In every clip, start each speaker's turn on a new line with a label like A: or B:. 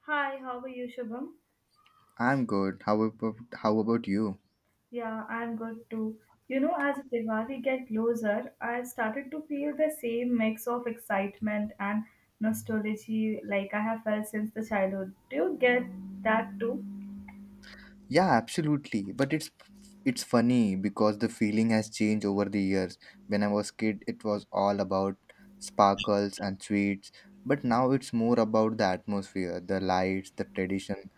A: Hi, how are you, Shubham?
B: I'm good. How about you?
A: Yeah, I'm good too. You know, as Diwali get closer, I've started to feel the same mix of excitement and nostalgia like I have felt since the childhood. Do you get that too?
B: Yeah, absolutely. But it's funny because the feeling has changed over the years. When I was kid, it was all about sparkles and sweets, but now it's more about the atmosphere, the lights, the tradition.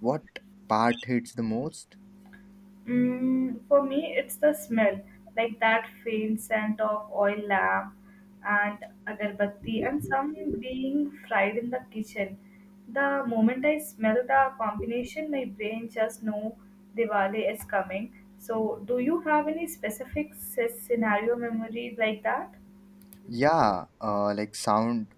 B: What part hits the most?
A: For me, it's the smell, like that faint scent of oil lamp and agarbatti, and some being fried in the kitchen. The moment I smell the combination, my brain just know Diwali is coming. So, do you have any specific scenario memory like that?
B: Yeah, like sound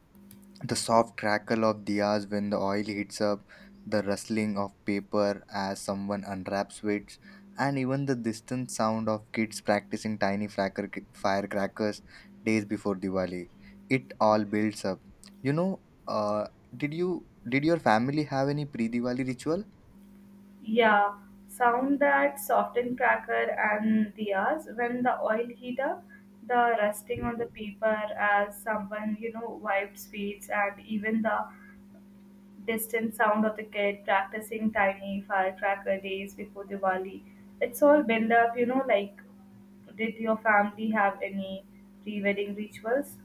B: the soft crackle of diyas when the oil heats up, the rustling of paper as someone unwraps it, and even the distant sound of kids practicing tiny firecrackers days before Diwali. It all builds up. You know, uh, did your family have any pre-Diwali ritual?
A: Yeah, sound that softened cracker and diyas when the oil heat up, the resting on the paper as someone, wiped sweets and even the distant sound of the kid practicing tiny firecracker days before Diwali. It's all build up, like did your family have any pre-wedding rituals?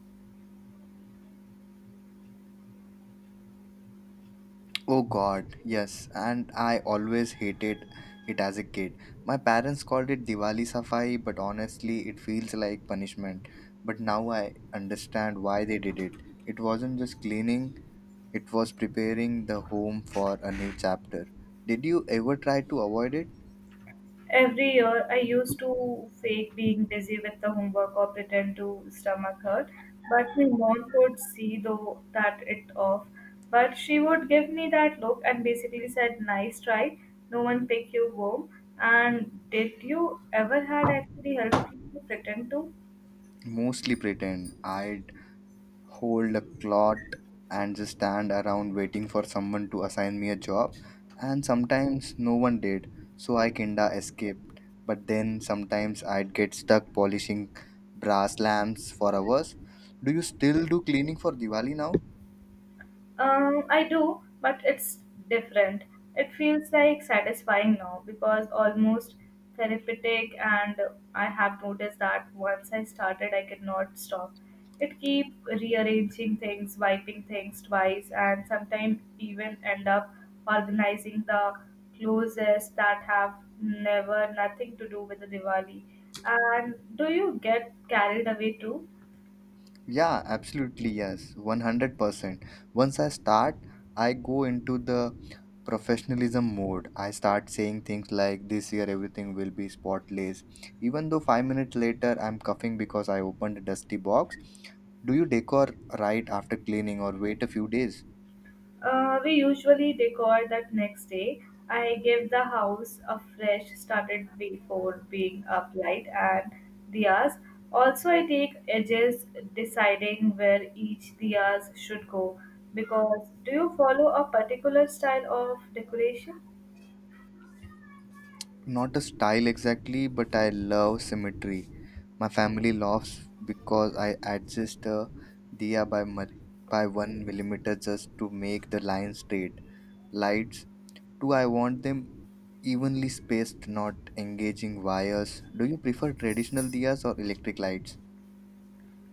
B: Oh god, yes, and I always hated it as a kid. My parents called it Diwali Safai, but honestly, it feels like punishment. But now I understand why they did it. It wasn't just cleaning, it was preparing the home for a new chapter. Did you ever try to avoid it?
A: Every year, I used to fake being busy with the homework or pretend to stomach hurt, but my mom could see though that it off. But she would give me that look and basically said, "Nice try. No one pick you home." And did you ever had actually helped you to pretend to?
B: Mostly pretend I hold a clot and just stand around waiting for someone to assign me a job. And sometimes no one did, so I kinda escaped. But then sometimes I'd get stuck polishing brass lamps for hours. Do you still do cleaning for Diwali now?
A: I do, but it's different. It feels like satisfying now because almost therapeutic, and I have noticed that once I started, I could not stop. It keep rearranging things, wiping things twice, and sometimes even end up organizing the clothes that have never nothing to do with the Diwali. And do you get carried away too?
B: Yeah, absolutely. Yes, 100%. Once I start, I go into the professionalism mode. I start saying things like, "This year everything will be spotless." Even though 5 minutes later I'm coughing because I opened a dusty box. Do you decor right after cleaning or wait a few days?
A: We usually decor that next day. I give the house a fresh started before being up light and diyas. Also, I take edges deciding where each diyas should go. Because do you follow a particular style of decoration?
B: Not a style exactly, but I love symmetry. My family laughs because I adjust a diya by one millimeter just to make the line straight. Lights too. I want them evenly spaced, not engaging wires. Do you prefer traditional diyas or electric lights?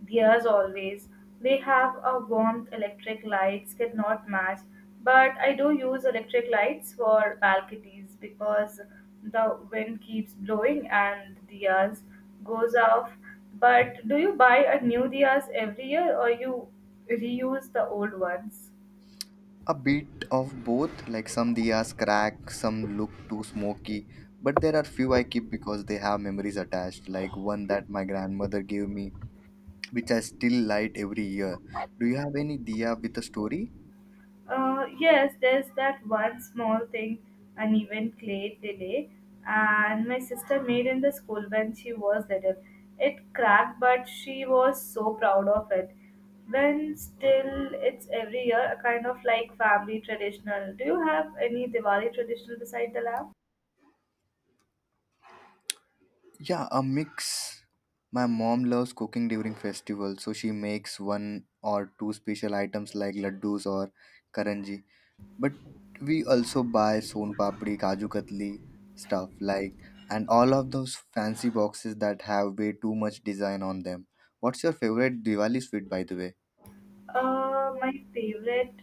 A: Dears always. They have a warmth electric lights cannot match. But I do use electric lights for balconies because the wind keeps blowing and the diyas goes off. But do you buy a new diyas every year or you reuse the old ones?
B: A bit of both, like some diyas crack, some look too smoky, but there are few I keep because they have memories attached, like one that my grandmother gave me which I still light every year. Do you have any diya with a story?
A: Yes, there's that one small thing, an event late delay, and my sister made in the school when she was little. It cracked, but she was so proud of it. When still, it's every year a kind of like family traditional. Do you have any Diwali traditional beside the lamp?
B: Yeah, a mix. My mom loves cooking during festivals, so she makes one or two special items like laddus or karanji. But we also buy son papdi, kaju katli stuff like and all of those fancy boxes that have way too much design on them. What's your favorite Diwali sweet, by the way?
A: My favorite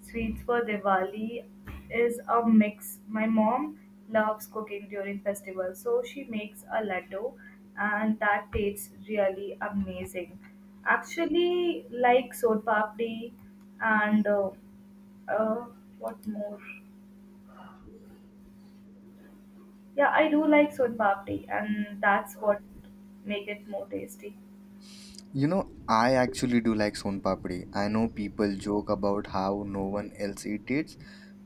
A: sweets for Diwali is a mix. My mom loves cooking during festivals, so she makes a laddu, and that tastes really amazing. Actually, like Sod Papdi and uh, what more? Yeah, I do like Sod Papdi, and that's what make it more tasty.
B: I actually do like son papdi. I know people joke about how no one else eats it,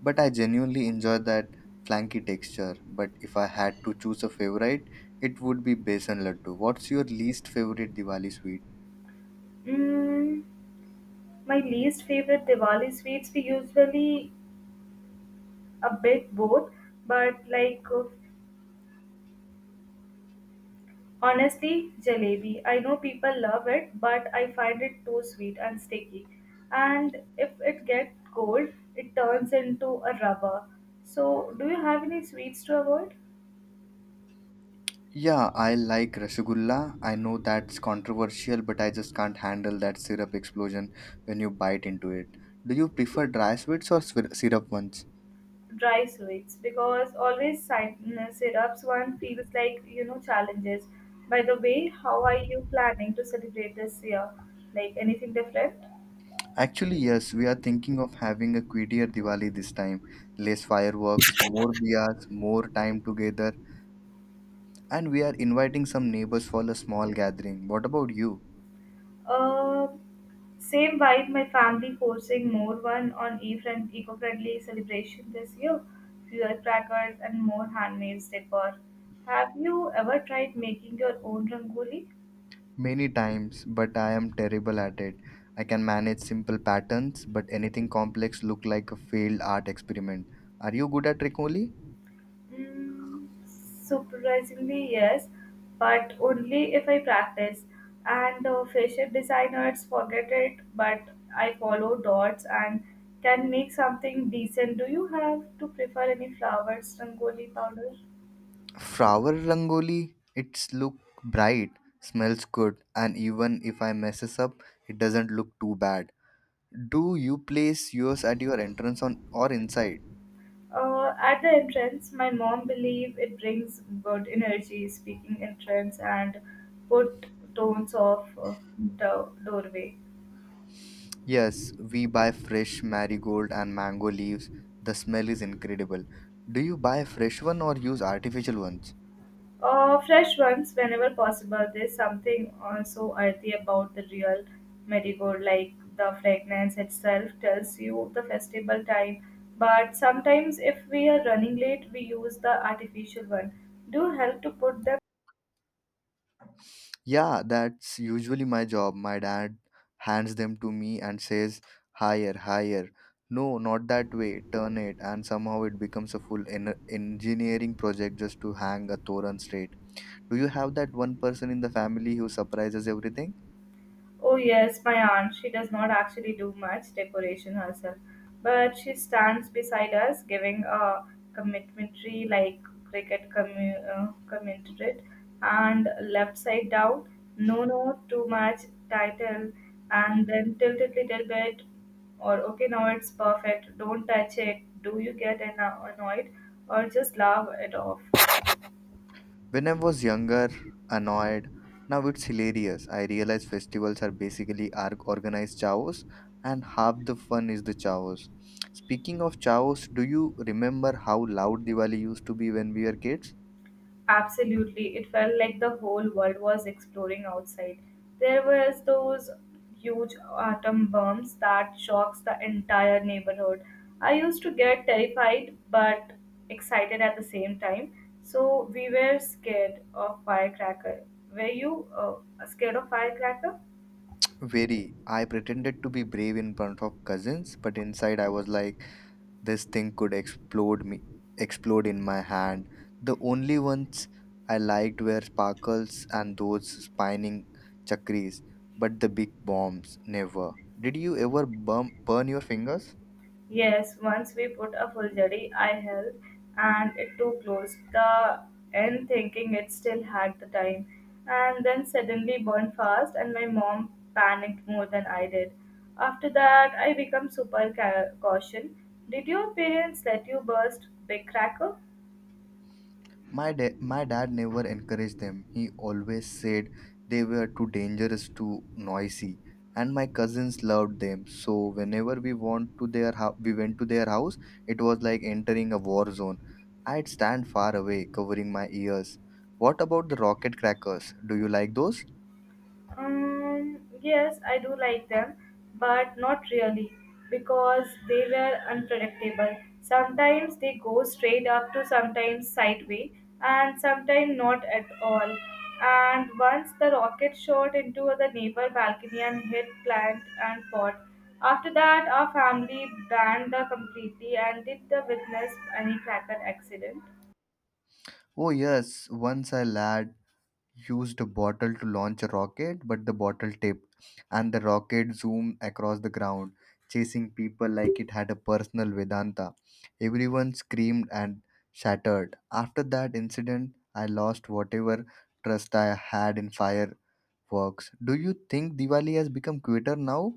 B: but I genuinely enjoy that flanky texture. But if I had to choose a favorite, it would be besan laddu. What's your least favorite Diwali sweet?
A: Mm, my least favorite Diwali sweets we usually a bit both, but honestly, jalebi. I know people love it, but I find it too sweet and sticky. And if it gets cold, it turns into a rubber. So, do you have any sweets to avoid?
B: Yeah, I like rasgulla. I know that's controversial, but I just can't handle that syrup explosion when you bite into it. Do you prefer dry sweets or syrup ones?
A: Dry sweets, because always syrups one feels like challenges. By the way, how are you planning to celebrate this year? Like anything different?
B: Actually, yes, we are thinking of having a quieter Diwali this time. Less fireworks, more diyas, more time together, and we are inviting some neighbors for a small gathering. What about you?
A: Um, Same vibe, my family forcing more one on e-friend, eco-friendly celebration this year. Fewer crackers and more handmade decor. Have you ever tried making your own rangoli?
B: Many times, but I am terrible at it. I can manage simple patterns, but anything complex look like a failed art experiment. Are you good at Rangoli?
A: Surprisingly, yes, but only if I practice. And fashion designers forget it, but I follow dots and can make something decent. Do you have to prefer any flowers, rangoli powder?
B: Flower Rangoli, it's look bright, smells good, and even if I messes up, it doesn't look too bad. Do you place yours at your entrance on or inside?
A: At the entrance, my mom believe it brings good energy, speaking entrance and put tones of the doorway.
B: Yes, we buy fresh marigold and mango leaves. The smell is incredible. Do you buy fresh one or use artificial ones?
A: Fresh ones whenever possible. There's something also earthy about the real marigold, like the fragrance itself tells you the festival time. But sometimes, if we are running late, we use the artificial one. Do help to put them.
B: Yeah, that's usually my job. My dad hands them to me and says, "Higher, higher. No, not that way. Turn it." And somehow it becomes a full engineering project just to hang a Toran straight. Do you have that one person in the family who surprises everything?
A: Oh, yes, my aunt. She does not actually do much decoration herself, but she stands beside us giving a complimentary, like cricket commentary, and left side down, no, no, too much title, and then tilt it little bit, or okay, now it's perfect, don't touch it. Do you get annoyed or just laugh it off?
B: When I was younger, annoyed, now it's hilarious. I realize festivals are basically organized chaos, and half the fun is the chaos. Speaking of chaos, do you remember how loud Diwali used to be when we were kids?
A: Absolutely. It felt like the whole world was exploring outside. There was those huge atom bombs that shocks the entire neighborhood. I used to get terrified but excited at the same time. So we were scared of firecracker. Were you scared of firecracker?
B: Very. I pretended to be brave in front of cousins, but inside I was like, "This thing could explode in my hand." The only ones I liked were sparkles and those spinning chakris, but the big bombs never. Did you ever burn your fingers?
A: Yes, once we put a full jari, I held and it too close. The end thinking it still had the time. And then suddenly burned fast and my mom panicked more than I did. After that, I become super caution. Did your parents let you burst big cracker?
B: My dad never encouraged them. He always said they were too dangerous, too noisy. And my cousins loved them. So whenever we want to their hou- we went to their house, it was like entering a war zone. I'd stand far away, covering my ears. What about the rocket crackers? Do you like those?
A: Yes, I do like them, but not really because they were unpredictable. Sometimes they go straight up to sometimes sideways and sometimes not at all. And once the rocket shot into the neighbor balcony and hit plant and pot. After that, our family banned the completely and did the witness any cracker accident.
B: Oh yes, once I lad used a bottle to launch a rocket, but the bottle tipped, and the rocket zoomed across the ground, chasing people like it had a personal Vedanta. Everyone screamed and shattered. After that incident, I lost whatever trust I had in fireworks. Do you think Diwali has become quitter now?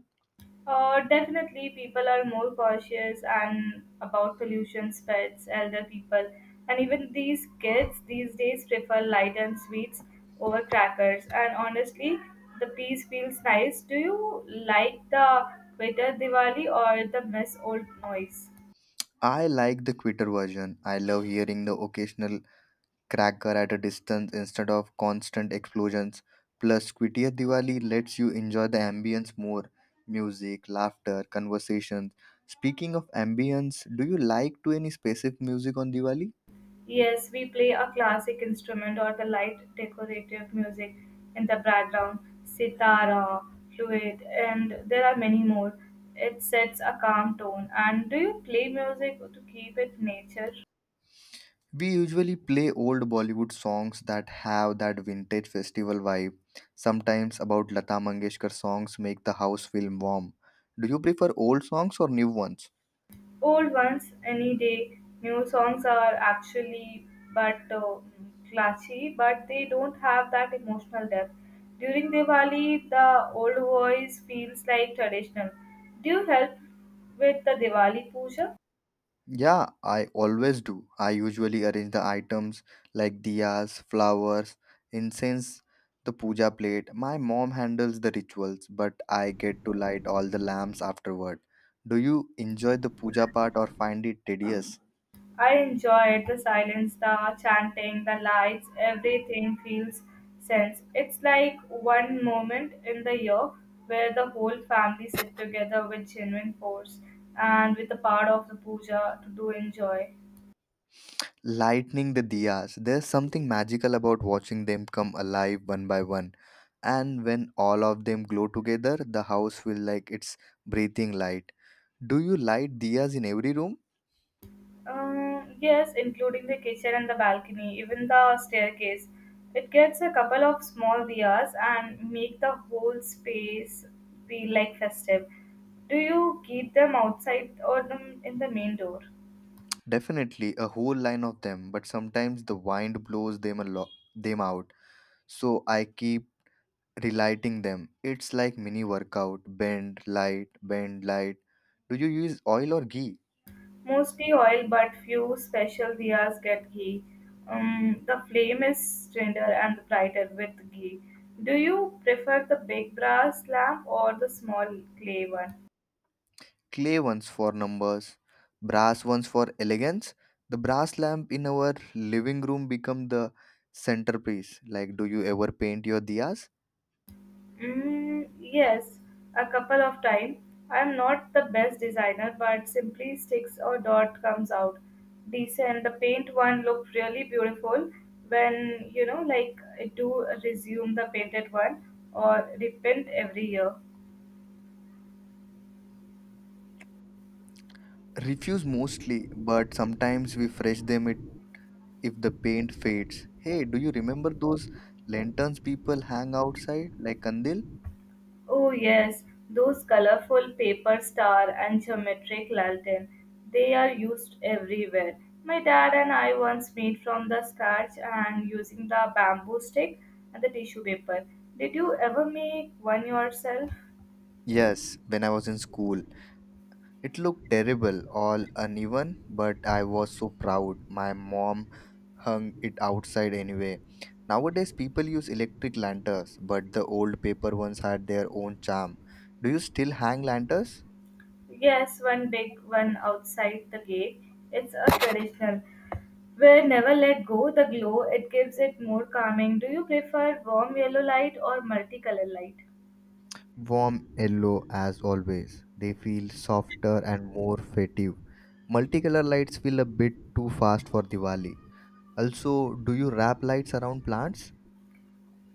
A: Definitely, people are more cautious and about pollution, pets, elder people, and even these kids these days prefer light and sweets over crackers. And honestly, the peace feels nice. Do you like the better Diwali or the mess old noise?
B: I like the quitter version. I love hearing the occasional cracker at a distance instead of constant explosions. Plus, quittier Diwali lets you enjoy the ambience more, music, laughter, conversations. Speaking of ambience, do you like to any specific music on Diwali?
A: Yes, we play a classic instrument or the light decorative music in the background, sitar, flute, and there are many more. It sets a calm tone. And do you play music to keep it nature?
B: We usually play old Bollywood songs that have that vintage festival vibe. Sometimes about Lata Mangeshkar songs make the house feel warm. Do you prefer old songs or new ones?
A: Old ones, any day. New songs are actually but classy, but they don't have that emotional depth. During Diwali, the old voice feels like traditional. Do you help with the Diwali puja?
B: Yeah, I always do. I usually arrange the items like diyas, flowers, incense, the puja plate. My mom handles the rituals, but I get to light all the lamps afterward. Do you enjoy the puja part or find it tedious?
A: I enjoy it, the silence, the chanting, the lights, everything feels sense. It's like one moment in the year where the whole family sit together with genuine force and with a part of the puja to do enjoy.
B: Lighting the diyas, there's something magical about watching them come alive one by one. And when all of them glow together, the house feels like it's breathing light. Do you light diyas in every room?
A: Yes, including the kitchen and the balcony, even the staircase. It gets a couple of small diyas and make the whole space feel like festive. Do you keep them outside or them in the main door?
B: Definitely a whole line of them, but sometimes the wind blows them a lot them out. So I keep relighting them. It's like mini workout. Bend, light, bend, light. Do you use oil or ghee?
A: Mostly oil, but few special diyas get ghee. The flame is tender and brighter with ghee. Do you prefer the big brass lamp or the small clay one?
B: Clay ones for numbers, brass ones for elegance. The brass lamp in our living room become the centerpiece. Like, do you ever paint your diyas?
A: Yes, a couple of time. I am not the best designer, but simply sticks or dot comes out decent. The paint one looked really beautiful when like I do resume the painted one or repaint every year.
B: Refuse mostly, but sometimes we fresh them if the paint fades. Hey, do you remember those lanterns people hang outside like kandil?
A: Oh, yes, those colorful paper star and geometric lantern. They are used everywhere. My dad and I once made from the scratch and using the bamboo stick and the tissue paper. Did you ever make one yourself?
B: Yes, when I was in school. It looked terrible, all uneven, but I was so proud. My mom hung it outside anyway. Nowadays, people use electric lanterns, but the old paper ones had their own charm. Do you still hang lanterns?
A: Yes, one big one outside the gate. It's a traditional. Where never let go the glow, it gives it more calming. Do you prefer warm yellow light or multicolor light?
B: Warm yellow, as always. They feel softer and more festive. Multicolor lights feel a bit too fast for Diwali. Also, do you wrap lights around plants?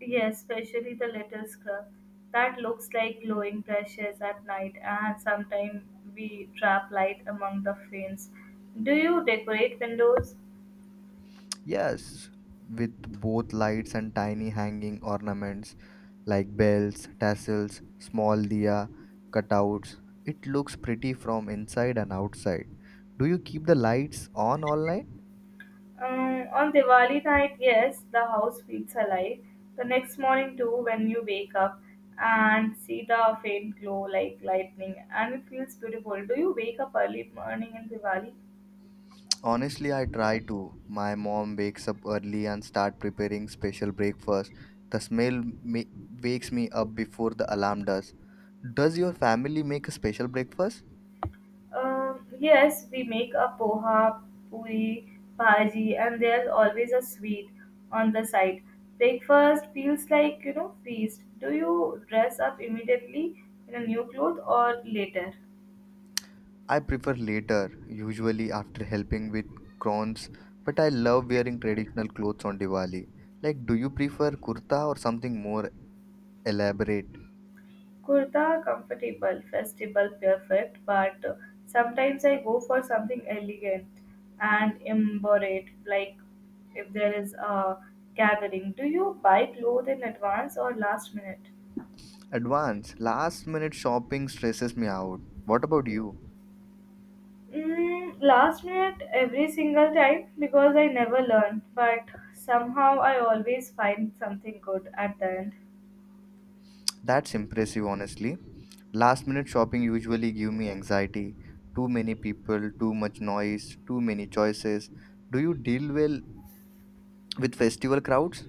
A: Yes, especially the little scrub that looks like glowing brushes at night, and sometimes we trap light among the fins. Do you decorate windows?
B: Yes, with both lights and tiny hanging ornaments like bells, tassels, small diya, cutouts. It looks pretty from inside and outside. Do you keep the lights on all night?
A: On Diwali night, yes, the house feels alive. The next morning, too, when you wake up and see the faint glow like lightning, and it feels beautiful. Do you wake up early morning in Diwali?
B: Honestly, I try to. My mom wakes up early and start preparing special breakfast. The smell wakes me up before the alarm does. Does your family make a special breakfast?
A: Yes, we make a poha, puri, bhaji, and there's always a sweet on the side. Breakfast feels like feast. Do you dress up immediately in a new cloth or later?
B: I prefer later, usually after helping with crons, but I love wearing traditional clothes on Diwali. Like, do you prefer kurta or something more elaborate?
A: Kurta comfortable, festival perfect, but sometimes I go for something elegant and elaborate, like if there is a gathering. Do you buy clothes in advance or last minute?
B: Advance. Last minute shopping stresses me out. What about you?
A: Last minute every single time because I never learn, but somehow I always find something good at the end.
B: That's impressive, honestly. Last minute shopping usually give me anxiety. Too many people, too much noise, too many choices. Do you deal well with festival crowds?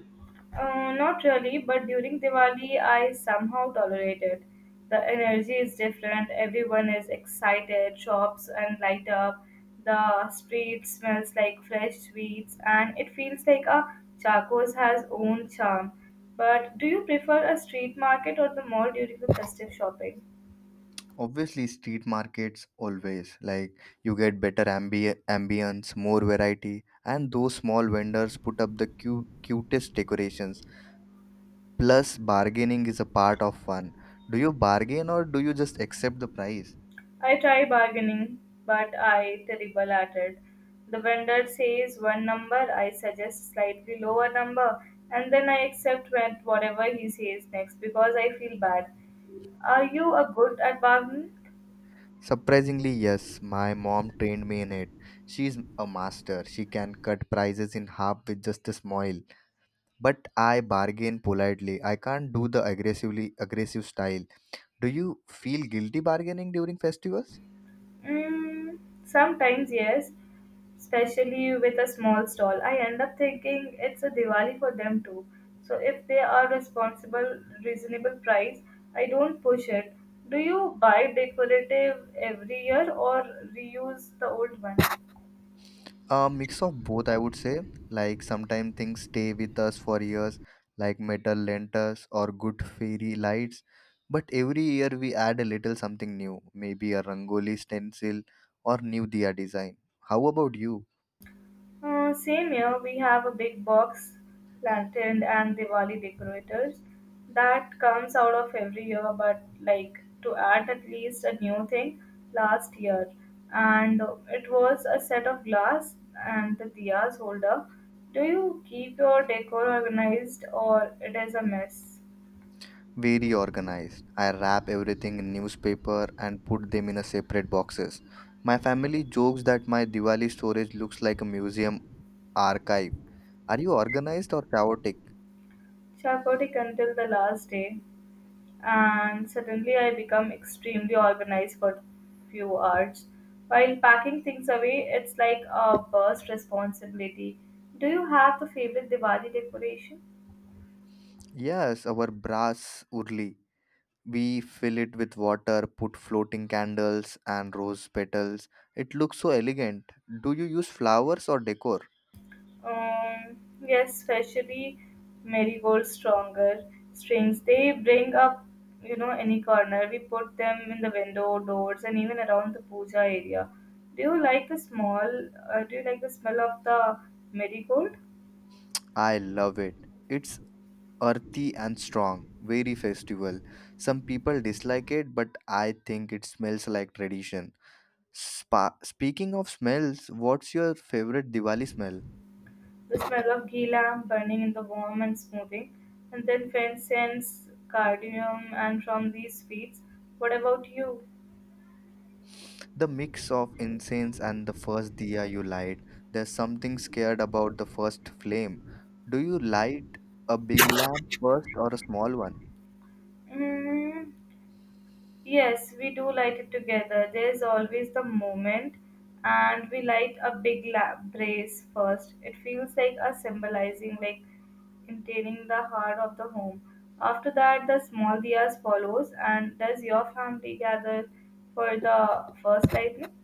A: Not really, but during Diwali I somehow tolerate it. The energy is different, everyone is excited, shops and light up, the street smells like fresh sweets, and it feels like a Chaco's has own charm. But do you prefer a street market or the mall during the festive shopping?
B: Obviously, street markets always, like, you get better ambience, more variety, and those small vendors put up the cutest decorations. Plus, bargaining is a part of fun. Do you bargain or do you just accept the price?
A: I try bargaining, but I terrible at it. The vendor says one number, I suggest slightly lower number, and then I accept whatever he says next because I feel bad. Are you a good at bargaining?
B: Surprisingly, yes, my mom trained me in it. She's a master. She can cut prices in half with just a smile. But I bargain politely. I can't do the aggressive style. Do you feel guilty bargaining during festivals?
A: Mm, Sometimes, yes, especially with a small stall. I end up thinking it's a Diwali for them too. So if they are responsible, reasonable price, I don't push it. Do you buy decorative every year or reuse the old one?
B: A mix of both, I would say. Like sometimes things stay with us for years, like metal lanterns or good fairy lights. But every year we add a little something new, maybe a rangoli stencil or new diya design. How about you?
A: Same here, we have a big box lantern and Diwali decorators that comes out of every year, but like to add at least a new thing last year, and it was a set of glass and the diyas holder. Do you keep your decor organized or it is a mess?
B: Very organized. I wrap everything in newspaper and put them in a separate boxes. My family jokes that my Diwali storage looks like a museum archive. Are you organized or chaotic?
A: Chaotic until the last day, and suddenly I become extremely organized for few hours. While packing things away, it's like a burst responsibility. Do you have a favorite Diwali decoration?
B: Yes, our brass urli. We fill it with water, put floating candles and rose petals. It looks so elegant. Do you use flowers or decor?
A: Um, yes, especially marigold stronger strings. They bring up, any corner. We put them in the window, doors, and even around the puja area. Do you like the small? Do you like the smell of the marigold?
B: I love it. It's earthy and strong, very festival. Some people dislike it, but I think it smells like tradition. Speaking of smells, what's your favorite Diwali smell?
A: The smell of ghee lamp burning in the warm and smoothing, and then faint scents, cardamom, and from these sweets. What about you?
B: The mix of incense and the first diya you light, there's something scared about the first flame. Do you light a big lamp first or a small one?
A: Mm, yes, we do light it together. There's always the moment, and we light a big lamp brace first. It feels like a symbolizing, like containing the heart of the home. After that, the small diyas follows. And does your family gather for the first lightning?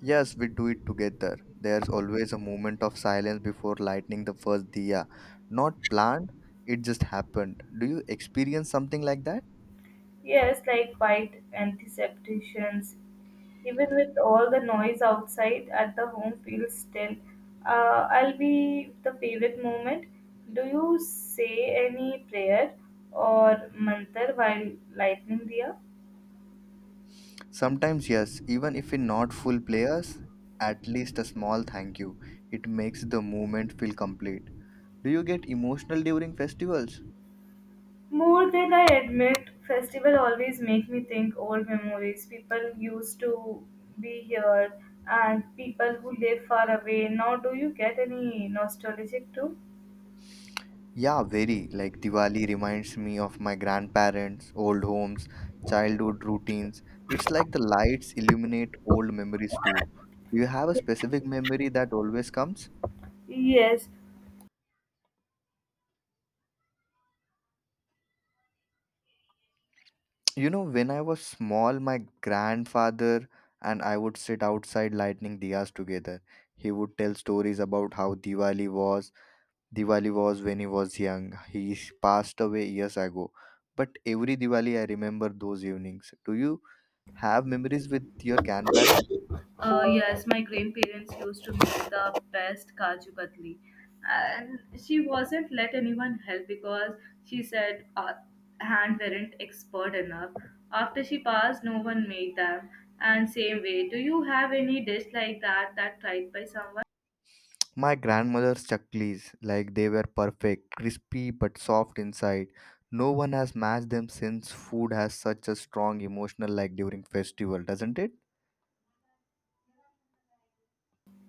B: Yes, we do it together. There's always a moment of silence before lighting the first diya. Not planned, it just happened. Do you experience something like that?
A: Yes, like white antisepticians. Even with all the noise outside, at the home feels still. I'll be the favorite moment. Do you say any prayer or mantra while lighting the
B: Sometimes, yes, even if we're not full players, at least a small thank you. It makes the moment feel complete. Do you get emotional during festivals?
A: More than I admit, festival always make me think old memories. People used to be here and people who live far away. Now, do you get any nostalgic too?
B: Yeah, very. Like Diwali reminds me of my grandparents, old homes, childhood routines. It's like the lights illuminate old memories too. Do you have a specific memory that always comes?
A: Yes,
B: When I was small, my grandfather and I would sit outside lighting diyas together. He would tell stories about how Diwali was. Diwali was when he was young. He passed away years ago. But every Diwali, I remember those evenings. Do you? Have memories with your grandparents?
A: Yes, my grandparents used to make the best kaju katli, and she wasn't let anyone help because she said hand weren't expert enough. After she passed, no one made them. And same way, do you have any dish like that that tried by someone?
B: My grandmother's chaklis, like they were perfect, crispy but soft inside. No one has matched them since food has such a strong emotional like during festival, doesn't it?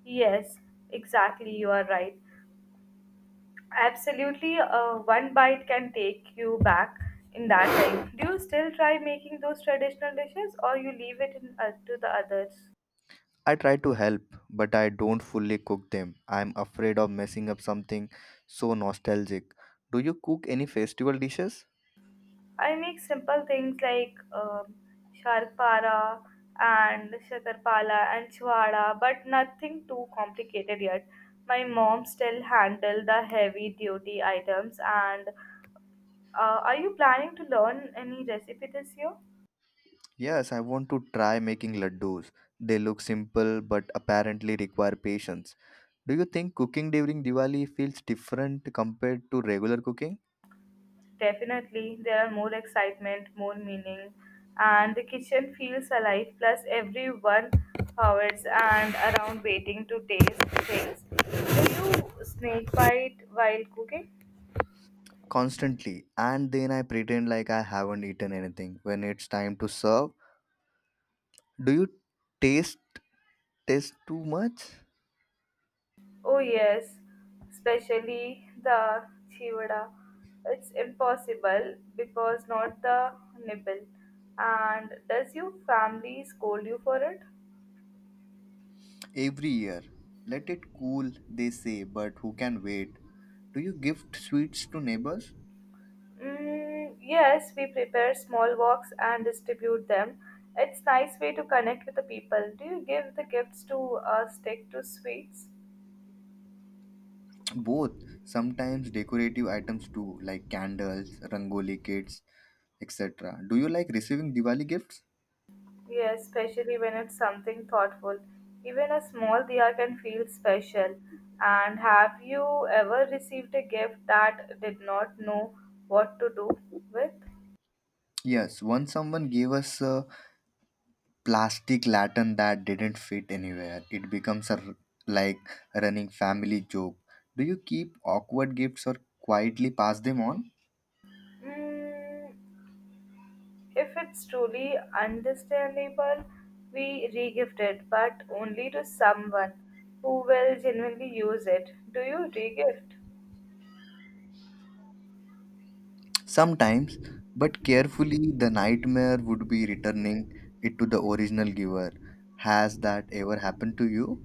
A: Yes, exactly. You are right. Absolutely, one bite can take you back in that time. Do you still try making those traditional dishes, or you leave it in, to the others?
B: I try to help, but I don't fully cook them. I'm afraid of messing up something so nostalgic. Do you cook any festival dishes?
A: I make simple things like sharpara and shakarpala and chwada, but nothing too complicated yet. My mom still handle the heavy duty items. And are you planning to learn any recipe this year?
B: Yes, I want to try making laddus. They look simple but apparently require patience. Do you think cooking during Diwali feels different compared to regular cooking?
A: Definitely, there are more excitement, more meaning, and the kitchen feels alive. Plus, everyone hovers and around waiting to taste things. Do you snake bite while cooking?
B: Constantly. And then I pretend like I haven't eaten anything when it's time to serve. Do you taste taste too much?
A: Oh yes, especially the chivada. It's impossible because not the nibble. And does your family scold you for it?
B: Every year. Let it cool, they say, but who can wait? Do you gift sweets to neighbors?
A: Mm, yes, we prepare small walks and distribute them. It's nice way to connect with the people. Do you give the gifts to stick to sweets?
B: Both. Sometimes decorative items too, like candles, rangoli kits, etc. Do you like receiving Diwali gifts?
A: Yes, especially when it's something thoughtful. Even a small diya can feel special. And have you ever received a gift that did not know what to do with?
B: Yes, once someone gave us a plastic lantern that didn't fit anywhere. It becomes a like running family joke. Do you keep awkward gifts or quietly pass them on?
A: Mm, if it's truly understandable, we regift it, but only to someone who will genuinely use it. Do you regift?
B: Sometimes, but carefully, the nightmare would be returning it to the original giver. Has that ever happened to you?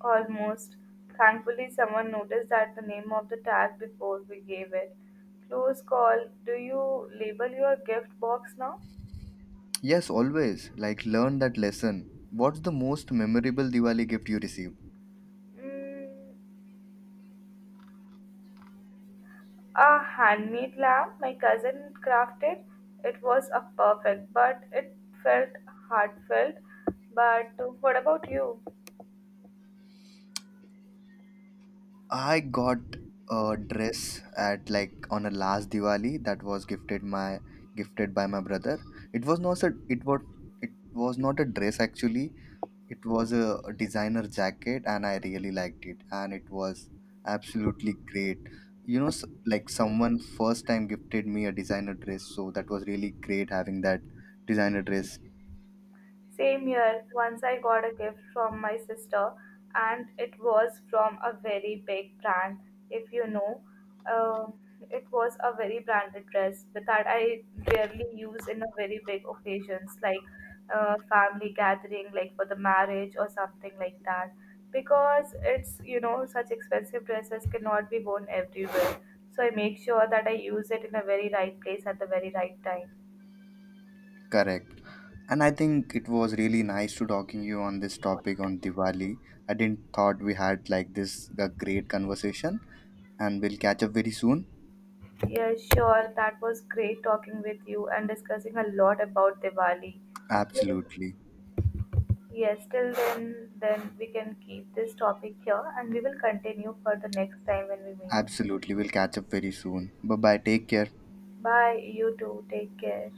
A: Almost. Thankfully, someone noticed that the name of the tag before we gave it. Close call. Do you label your gift box now?
B: Yes, always. Like, learn that lesson. What's the most memorable Diwali gift you received?
A: Mm, a handmade lamp my cousin crafted. It was a perfect, but it felt heartfelt. But what about you?
B: I got a dress at like on a last Diwali that was gifted by my brother. It was not a it was not a dress actually. It was a designer jacket and I really liked it and it was absolutely great. Like someone first time gifted me a designer dress, so that was really great having that designer dress.
A: Same year, once I got a gift from my sister, and it was from a very big brand. If you know, uh, it was a very branded dress but that I rarely use in a very big occasions like family gathering, like for the marriage or something like that. Because it's, you know, such expensive dresses cannot be worn everywhere. So I make sure that I use it in a very right place at the very right time.
B: Correct. And I think it was really nice to talking you on this topic on Diwali. I didn't thought we had like this a great conversation, and we'll catch up very soon.
A: Yeah, sure. That was great talking with you and discussing a lot about Diwali.
B: Absolutely.
A: Yes, till then we can keep this topic here and we will continue for the next time when we meet.
B: Absolutely. We'll catch up very soon. Bye bye. Take care.
A: Bye, you too. Take care.